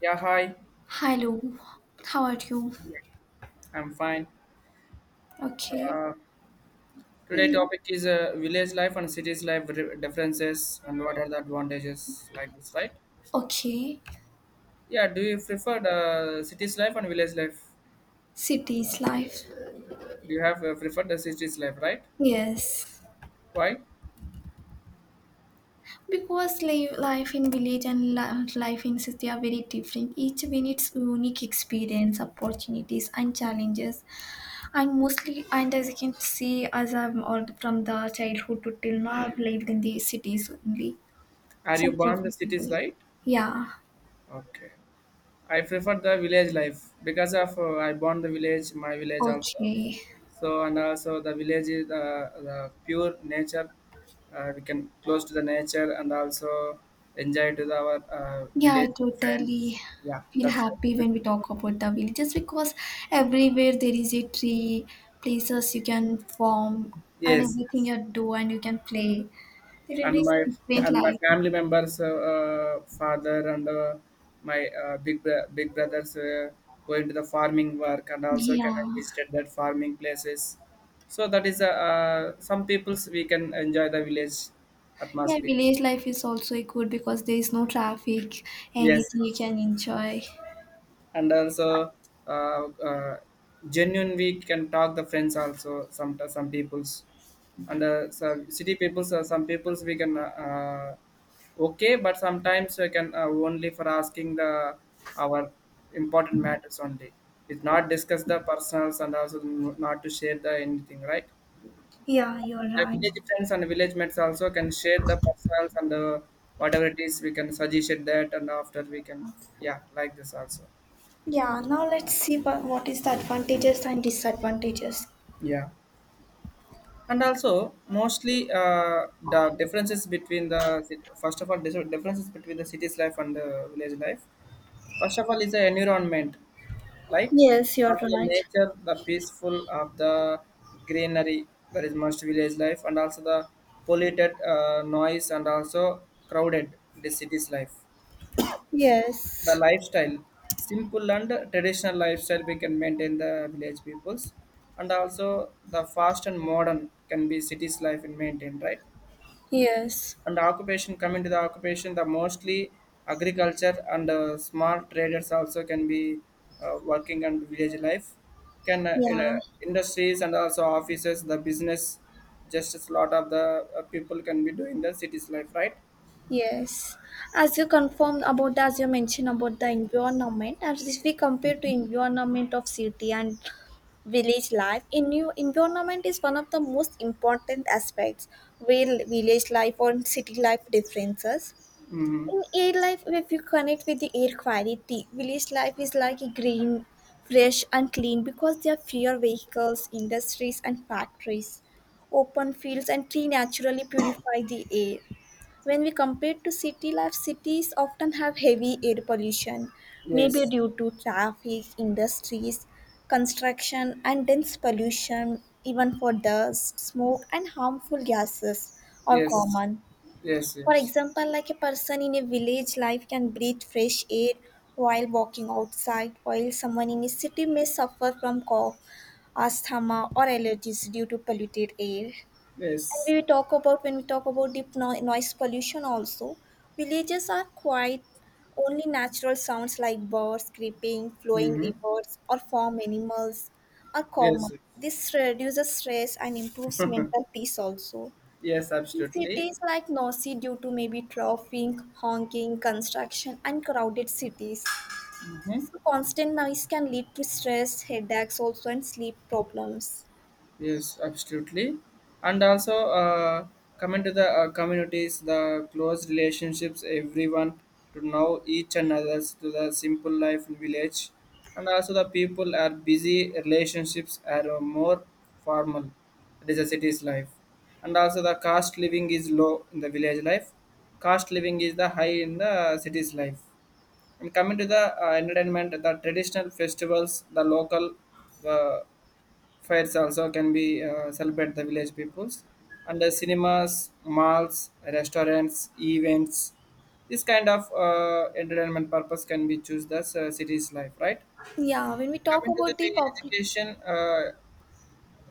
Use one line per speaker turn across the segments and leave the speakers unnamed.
Yeah, hi.
Hello, how are you?
Yeah, I'm fine.
Okay.
Uh, Today
In-
topic is village life and cities life differences and what are the advantages like this, right?
Okay.
Yeah, do you prefer the cities life and village life?
Cities life.
Do you have preferred the cities life, right?
Yes.
Why?
Because live life in village and life in city are very different. Each one its unique experience, opportunities, and challenges. And mostly, and as you can see, as I'm all from the childhood to till now, I've lived in the cities only.
Are you
Such a
born the cities,
flexible.
right?
Yeah.
Okay. I prefer the village life because of I born the village, my village also.
Okay.
So and also the village is the pure nature. We can close to the nature and also enjoy to the, our
Yeah,
village
I
friends.
totally
Yeah,
feel
that's
happy
right.
when we talk about the villages because everywhere there is a tree, places you can form, and
Yes,
everything
yes.
you do and you can play. There
and
is
my
different
and my
life.
family members father and my big brothers, going to the farming work and also
Yeah.
can I visited that farming places, so that is some people's we can enjoy the village
Yeah,
atmosphere.
village life is also good because there is no traffic,
Yes,
anything you
yes.
can enjoy.
And also uh, uh, genuine we can talk the friends also some people's, and so city peoples, some peoples we can okay, but sometimes we can only for asking the our important matters only. It's not discuss the personals and also not to share the anything, right?
Yeah, you're
The
right.
village friends and village mates also can share the personals and the whatever it is we can suggest it that, and after we can, yeah, like this also.
Yeah, now let's see what is the advantages and disadvantages.
Yeah, and also mostly the differences between first of all differences between the city's life and the village life. First of all is the environment, like
Yes, you're
also the
right.
nature, the peaceful of the greenery. That is most village life, and also the polluted noise and also crowded, the city's life. The
Yes.
lifestyle, simple and traditional lifestyle we can maintain, the village peoples, and also the fast and modern can be cities life and maintain, right?
Yes.
And occupation, coming to the occupation, the mostly agriculture and small traders also can be working and village life can
Yeah.
industries and also offices, the business, just as lot of the people can be doing the cities life, right?
Yes, as you mentioned about the environment, as if we compare to environment of city and village life, in new environment is one of the most important aspects where village life or city life differences.
Mm-hmm.
In air life, if you connect with the air quality, village life is like a green, fresh and clean because there are fewer vehicles, industries and factories. Open fields and tree naturally purify the air when we compare to city life, cities often have heavy air pollution, maybe
Yes,
due to traffic, industries, construction, and dense pollution, even for dust, smoke, and harmful gases are
yes.
common.
Yes,
For
yes.
example, like a person in a village life can breathe fresh air while walking outside, while someone in a city may suffer from cough, asthma, or allergies due to polluted air. And
Yes.
we talk about when we talk about deep noise pollution also, villages are quiet. Only natural sounds like birds creeping, flowing
Mm-hmm.
rivers, or farm animals are
Yes.
common. This reduces stress and improves mental peace also.
Yes,
In
absolutely.
cities like noisy due to maybe traffic, honking, construction, and crowded cities,
Mm-hmm.
so constant noise can lead to stress, headaches also, and sleep problems.
Yes, absolutely. And also, coming to the communities, the close relationships, everyone to know each another, to the simple life in village. And also, the people are busy, relationships are more formal. It is a city's life. And also, the cost living is low in the village life. Cost living is the high in the city's life. And coming to the entertainment, the traditional festivals, the local uh, fairs also can be celebrate the village peoples, and the cinemas, malls, restaurants, events. This kind of entertainment purpose can be choose the city's life, right?
Yeah, when we talk
Coming to the
about the public,
education,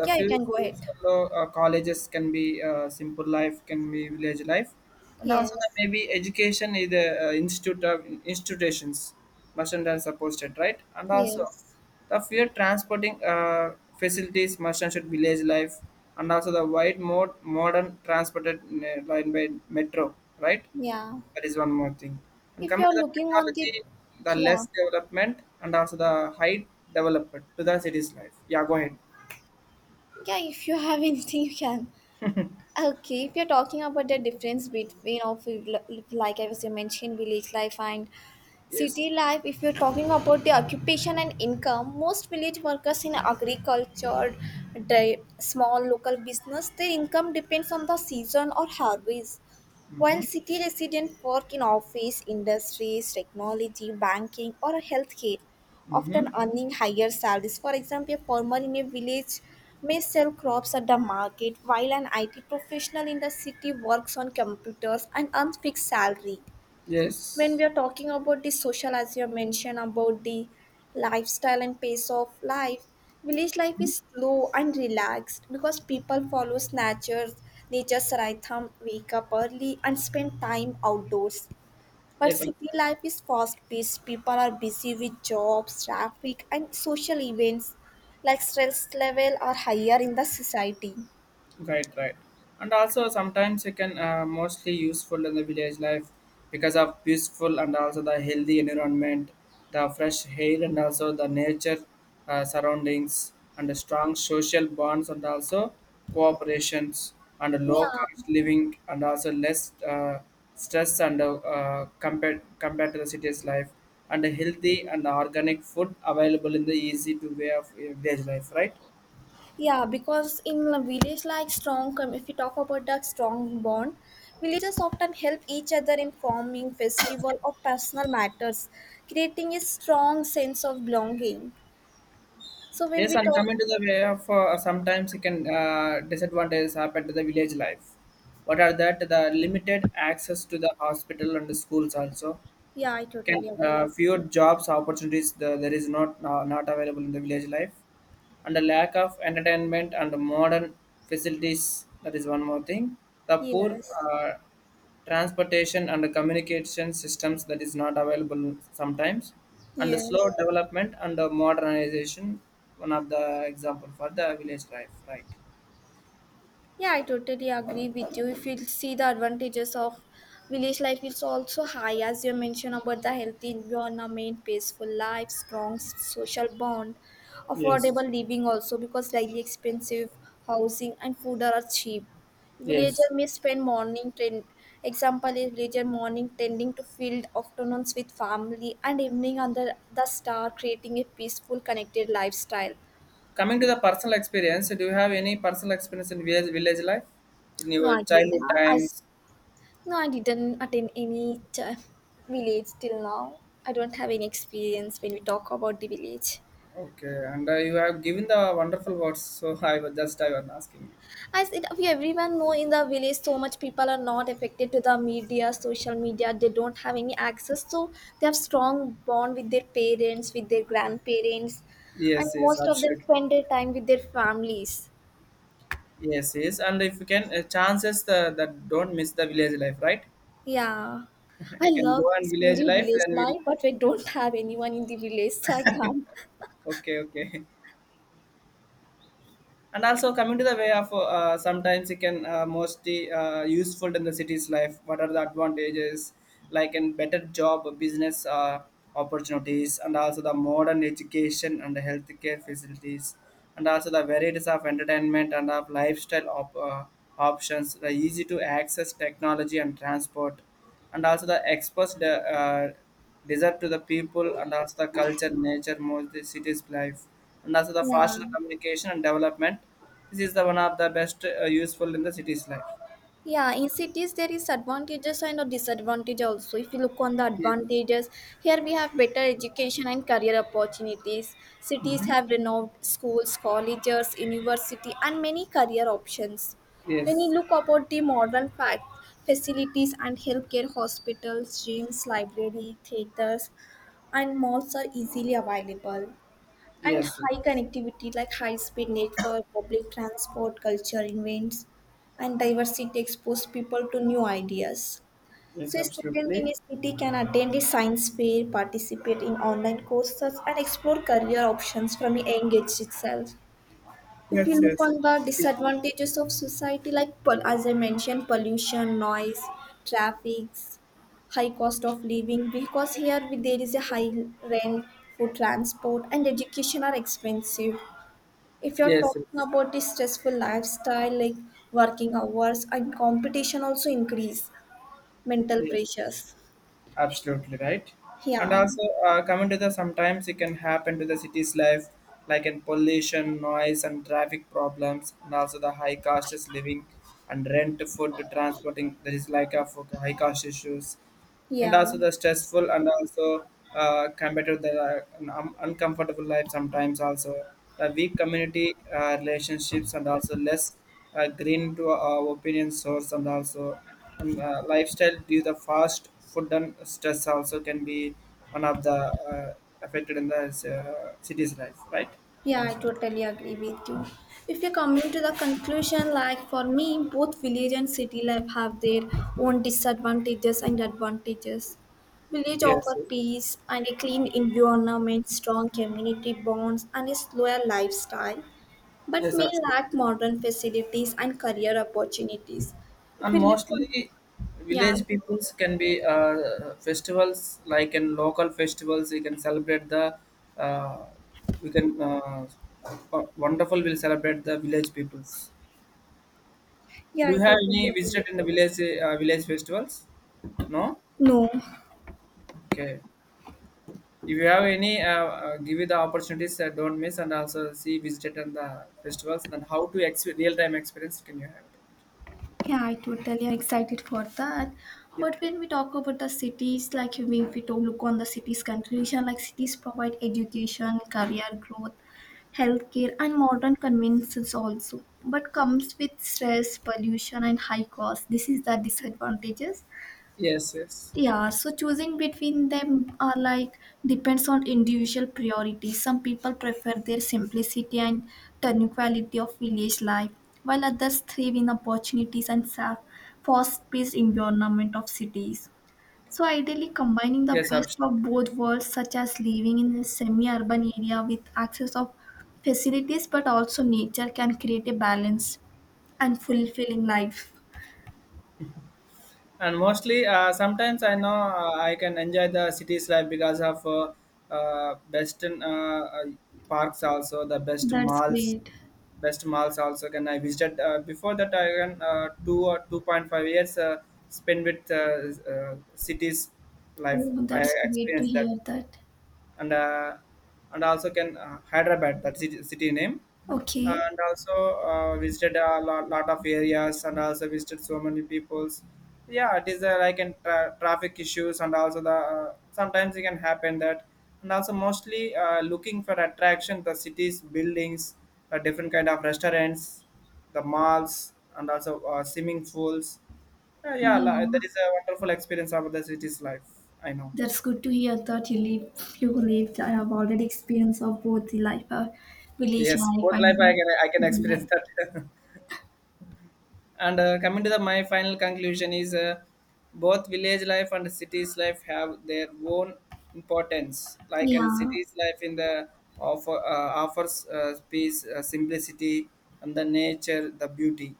a
yeah, you
few
can go
schools
ahead.
and colleges can be simple life, can be village life, and also that
Yes,
maybe education is the institute of institutions merchant are supported, right? And also
yes,
the fear transporting facilities merchant should village life, and also the wide modern transported line by metro, right?
yeah.
That is one more thing. And
If
coming
you're
to the
looking on the,
technology, the
yeah,
less development and also the high development to the city's life. Yeah, go ahead.
yeah, if you have anything, you can. Okay, if you're talking about the difference between of like I was mentioned village life and
Yes.
city life, if you're talking about the occupation and income, most village workers in agriculture, the small local business, their income depends on the season or harvest. While
Mm-hmm.
city residents work in office, industries, technology, banking, or healthcare, often
Mm-hmm.
earning higher salaries. For example, a farmer in a village may sell crops at the market, while an IT professional in the city works on computers and earns fixed salary. When
Yes.
we are talking about the social as you have mentioned about the lifestyle and pace of life, village life is slow and relaxed because people follow nature's rhythm, wake up early and spend time outdoors, but
Yes.
city life is fast paced, people are busy with jobs, traffic and social events, like stress level are higher in the society.
Right, right. And also sometimes it can mostly useful in the village life, because of peaceful and also the healthy environment, the fresh air and also the nature surroundings, and the strong social bonds and also cooperations, and a low cost
Yeah.
living and also less stress and compared to the city's life, and a healthy and organic food available in the easy to way of village life, right?
Yeah, because in a village like if you talk about the strong bond, villagers often help each other in forming festival or personal matters, creating a strong sense of belonging. So when
Yes,
we
and
talk,
coming to the way of sometimes it can disadvantages happen to the village life. What are that? The limited access to the hospital and the schools also,
yeah, I totally
can
agree with
fewer
you.
jobs opportunities, there is not not available in the village life, and the lack of entertainment and modern facilities. That is one more thing, the poor
Yes,
uh, transportation and the communication systems that is not available sometimes, and the slow
yes.
development and the modernization, one of the example for the village life, right?
Yeah, I totally agree with you. If you see the advantages of village life, it's also high, as you mentioned about the healthy environment, peaceful life, strong social bond,
Yes,
affordable living also because daily expensive, housing and food are cheap.
yes.
Villager may spend morning trend. Example is villager morning tending to field, afternoons with family, and evening under the star, creating a peaceful, connected lifestyle.
Coming to the personal experience, do you have any personal experience in village life in
No,
your
I don't.
childhood
As
times?
no, I didn't attend any village till now. I don't have any experience when we talk about the village.
Okay, and you have given the wonderful words, so I was just, I was asking you.
As it, we everyone know in the village, so much people are not affected to the media, social media. They don't have any access, so they have strong bond with their parents, with their grandparents, and
Yes, yes,
most of them
absolutely.
spend their time with their families.
Yes, yes, and if you can, chances that don't miss the village life, right?
Yeah, I
You can go
love to
and
spend
village
in
life,
village
then we'll.
life, but we don't have anyone in the village, so I can't.
Okay, okay. And also coming to the way of sometimes it can mostly useful in the city's life. What are the advantages? Like in better job business, opportunities, and also the modern education and healthcare facilities, and also the varieties of entertainment and of lifestyle options, the easy to access technology and transport, and also the express the uh, desire to the people and also the culture nature more the city's life, and also the
Yeah.
faster communication and development. This is the one of the best useful in the city's life.
Yeah, in cities there is advantages and a disadvantage also. If you look on the
Yes.
advantages, here we have better education and career opportunities. Cities
Mm-hmm.
have renowned schools, colleges, university, and many career options. When you
Yes.
look about the facilities and healthcare hospitals, gyms, library, theaters, and malls are easily available. And
Yes,
high connectivity like high speed network, public transport, culture events, and diversity expose people to new ideas.
yes,
So, a student in
absolutely.
a city can attend a science fair, participate in online courses, and explore career options from a young age itself. If you
Yes,
look
yes.
on the disadvantages of society, like as I mentioned, pollution, noise, traffic, high cost of living, because there is a high rent, food, transport and education are expensive. If you're
Yes,
talking
yes,
about the stressful lifestyle, like working hours and competition also increase mental
yes.
pressures.
Absolutely right. And
Yeah,
also coming to the sometimes it can happen to the city's life, like in pollution, noise, and traffic problems, and also the high cost is living, and rent, food, transporting, there is like a for high cost issues, and
yeah.
also the stressful and also compared to the uncomfortable life sometimes also, the weak community relationships and also less green to opinion source, and also lifestyle due the fast food and stress also can be one of the affected in the city's life, right?
Yeah,
That
I
is one.
totally agree with you. If you're coming to the conclusion, like for me, both village and city life have their own disadvantages and advantages. Village
Yes,
offer
yes.
peace and a clean environment, strong community bonds, and a slower lifestyle. But
Yes,
may lack
absolutely.
modern facilities and career opportunities. If
And
we live
mostly
on, yeah,
village peoples can be festivals, like in local festivals. We can celebrate the, uh, we can uh, wonderful will celebrate the village peoples.
yeah,
Do
I
you have
totally
any
agree
visited
with
in the
you.
village festivals? No?
No.
Okay. If you have any give you the opportunities, don't miss, and also see visited in the festivals, then how to real-time experience can you have it.
Yeah, I totally am excited for that.
Yeah.
But when we talk about the cities, like you mean, if we don't look on the cities' conclusion, like cities provide education, career growth, healthcare, and modern conveniences also. But comes with stress, pollution, and high cost. This is the disadvantages.
Yes, yes.
Yeah, so choosing between them are like depends on individual priorities. Some people prefer their simplicity and tranquility of village life, while others thrive in opportunities and fast-paced environment of cities. So ideally, combining the
Yes,
best
absolutely.
of both worlds, such as living in a semi-urban area with access of facilities but also nature, can create a balanced and fulfilling life.
And mostly, sometimes I know, I can enjoy the city's life, because of best in, uh, parks also, the best
That's
malls,
great.
best malls also can I visited. Uh, before that I can, 2 or 2.5 years spend with city's life,
Oh,
I
that's great to
experienced that.
hear that.
And and also can, Hyderabad that city name.
Okay.
And also visited a lot of areas, and also visited so many peoples. Yeah, it is like in traffic issues, and also the sometimes it can happen that, and also mostly, looking for attraction the cities buildings, different kind of restaurants, the malls, and also swimming pools. Yeah, yeah,
Yeah,
that is a wonderful experience of the city's life, I know.
that's good to hear that you live. I have already experience of both the life, village
Yes,
life
both life I
and
can
city life.
experience that. And coming to the my final conclusion is, both village life and cities life have their own importance. Like in
Yeah.
cities life, in the offer, offers, peace, simplicity, and the nature, the beauty.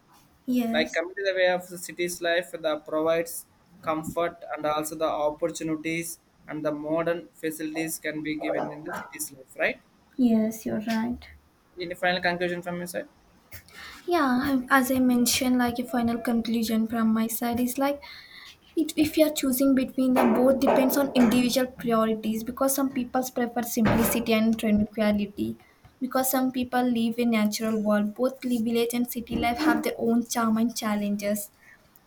Like
Yes.
coming to the way of the cities life, that provides comfort and also the opportunities and the modern facilities can be given in the cities life, right?
Yes, you're right.
Any final conclusion from your side?
Yeah, I- as I mentioned, like a final conclusion from my side is like, it, if you are choosing between them, both depends on individual priorities because some people prefer simplicity and tranquility. Because some people live in natural world, both village and city life have their own charm and challenges.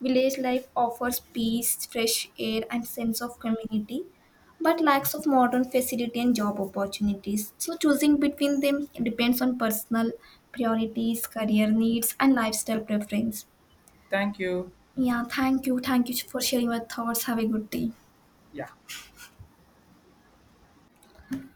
Village life offers peace, fresh air, and sense of community, but lacks of modern facility and job opportunities. So choosing between them depends on personal priorities, career needs, and lifestyle preference.
Thank you.
Yeah, thank you. Thank you for sharing your thoughts. Have a good day.
Yeah.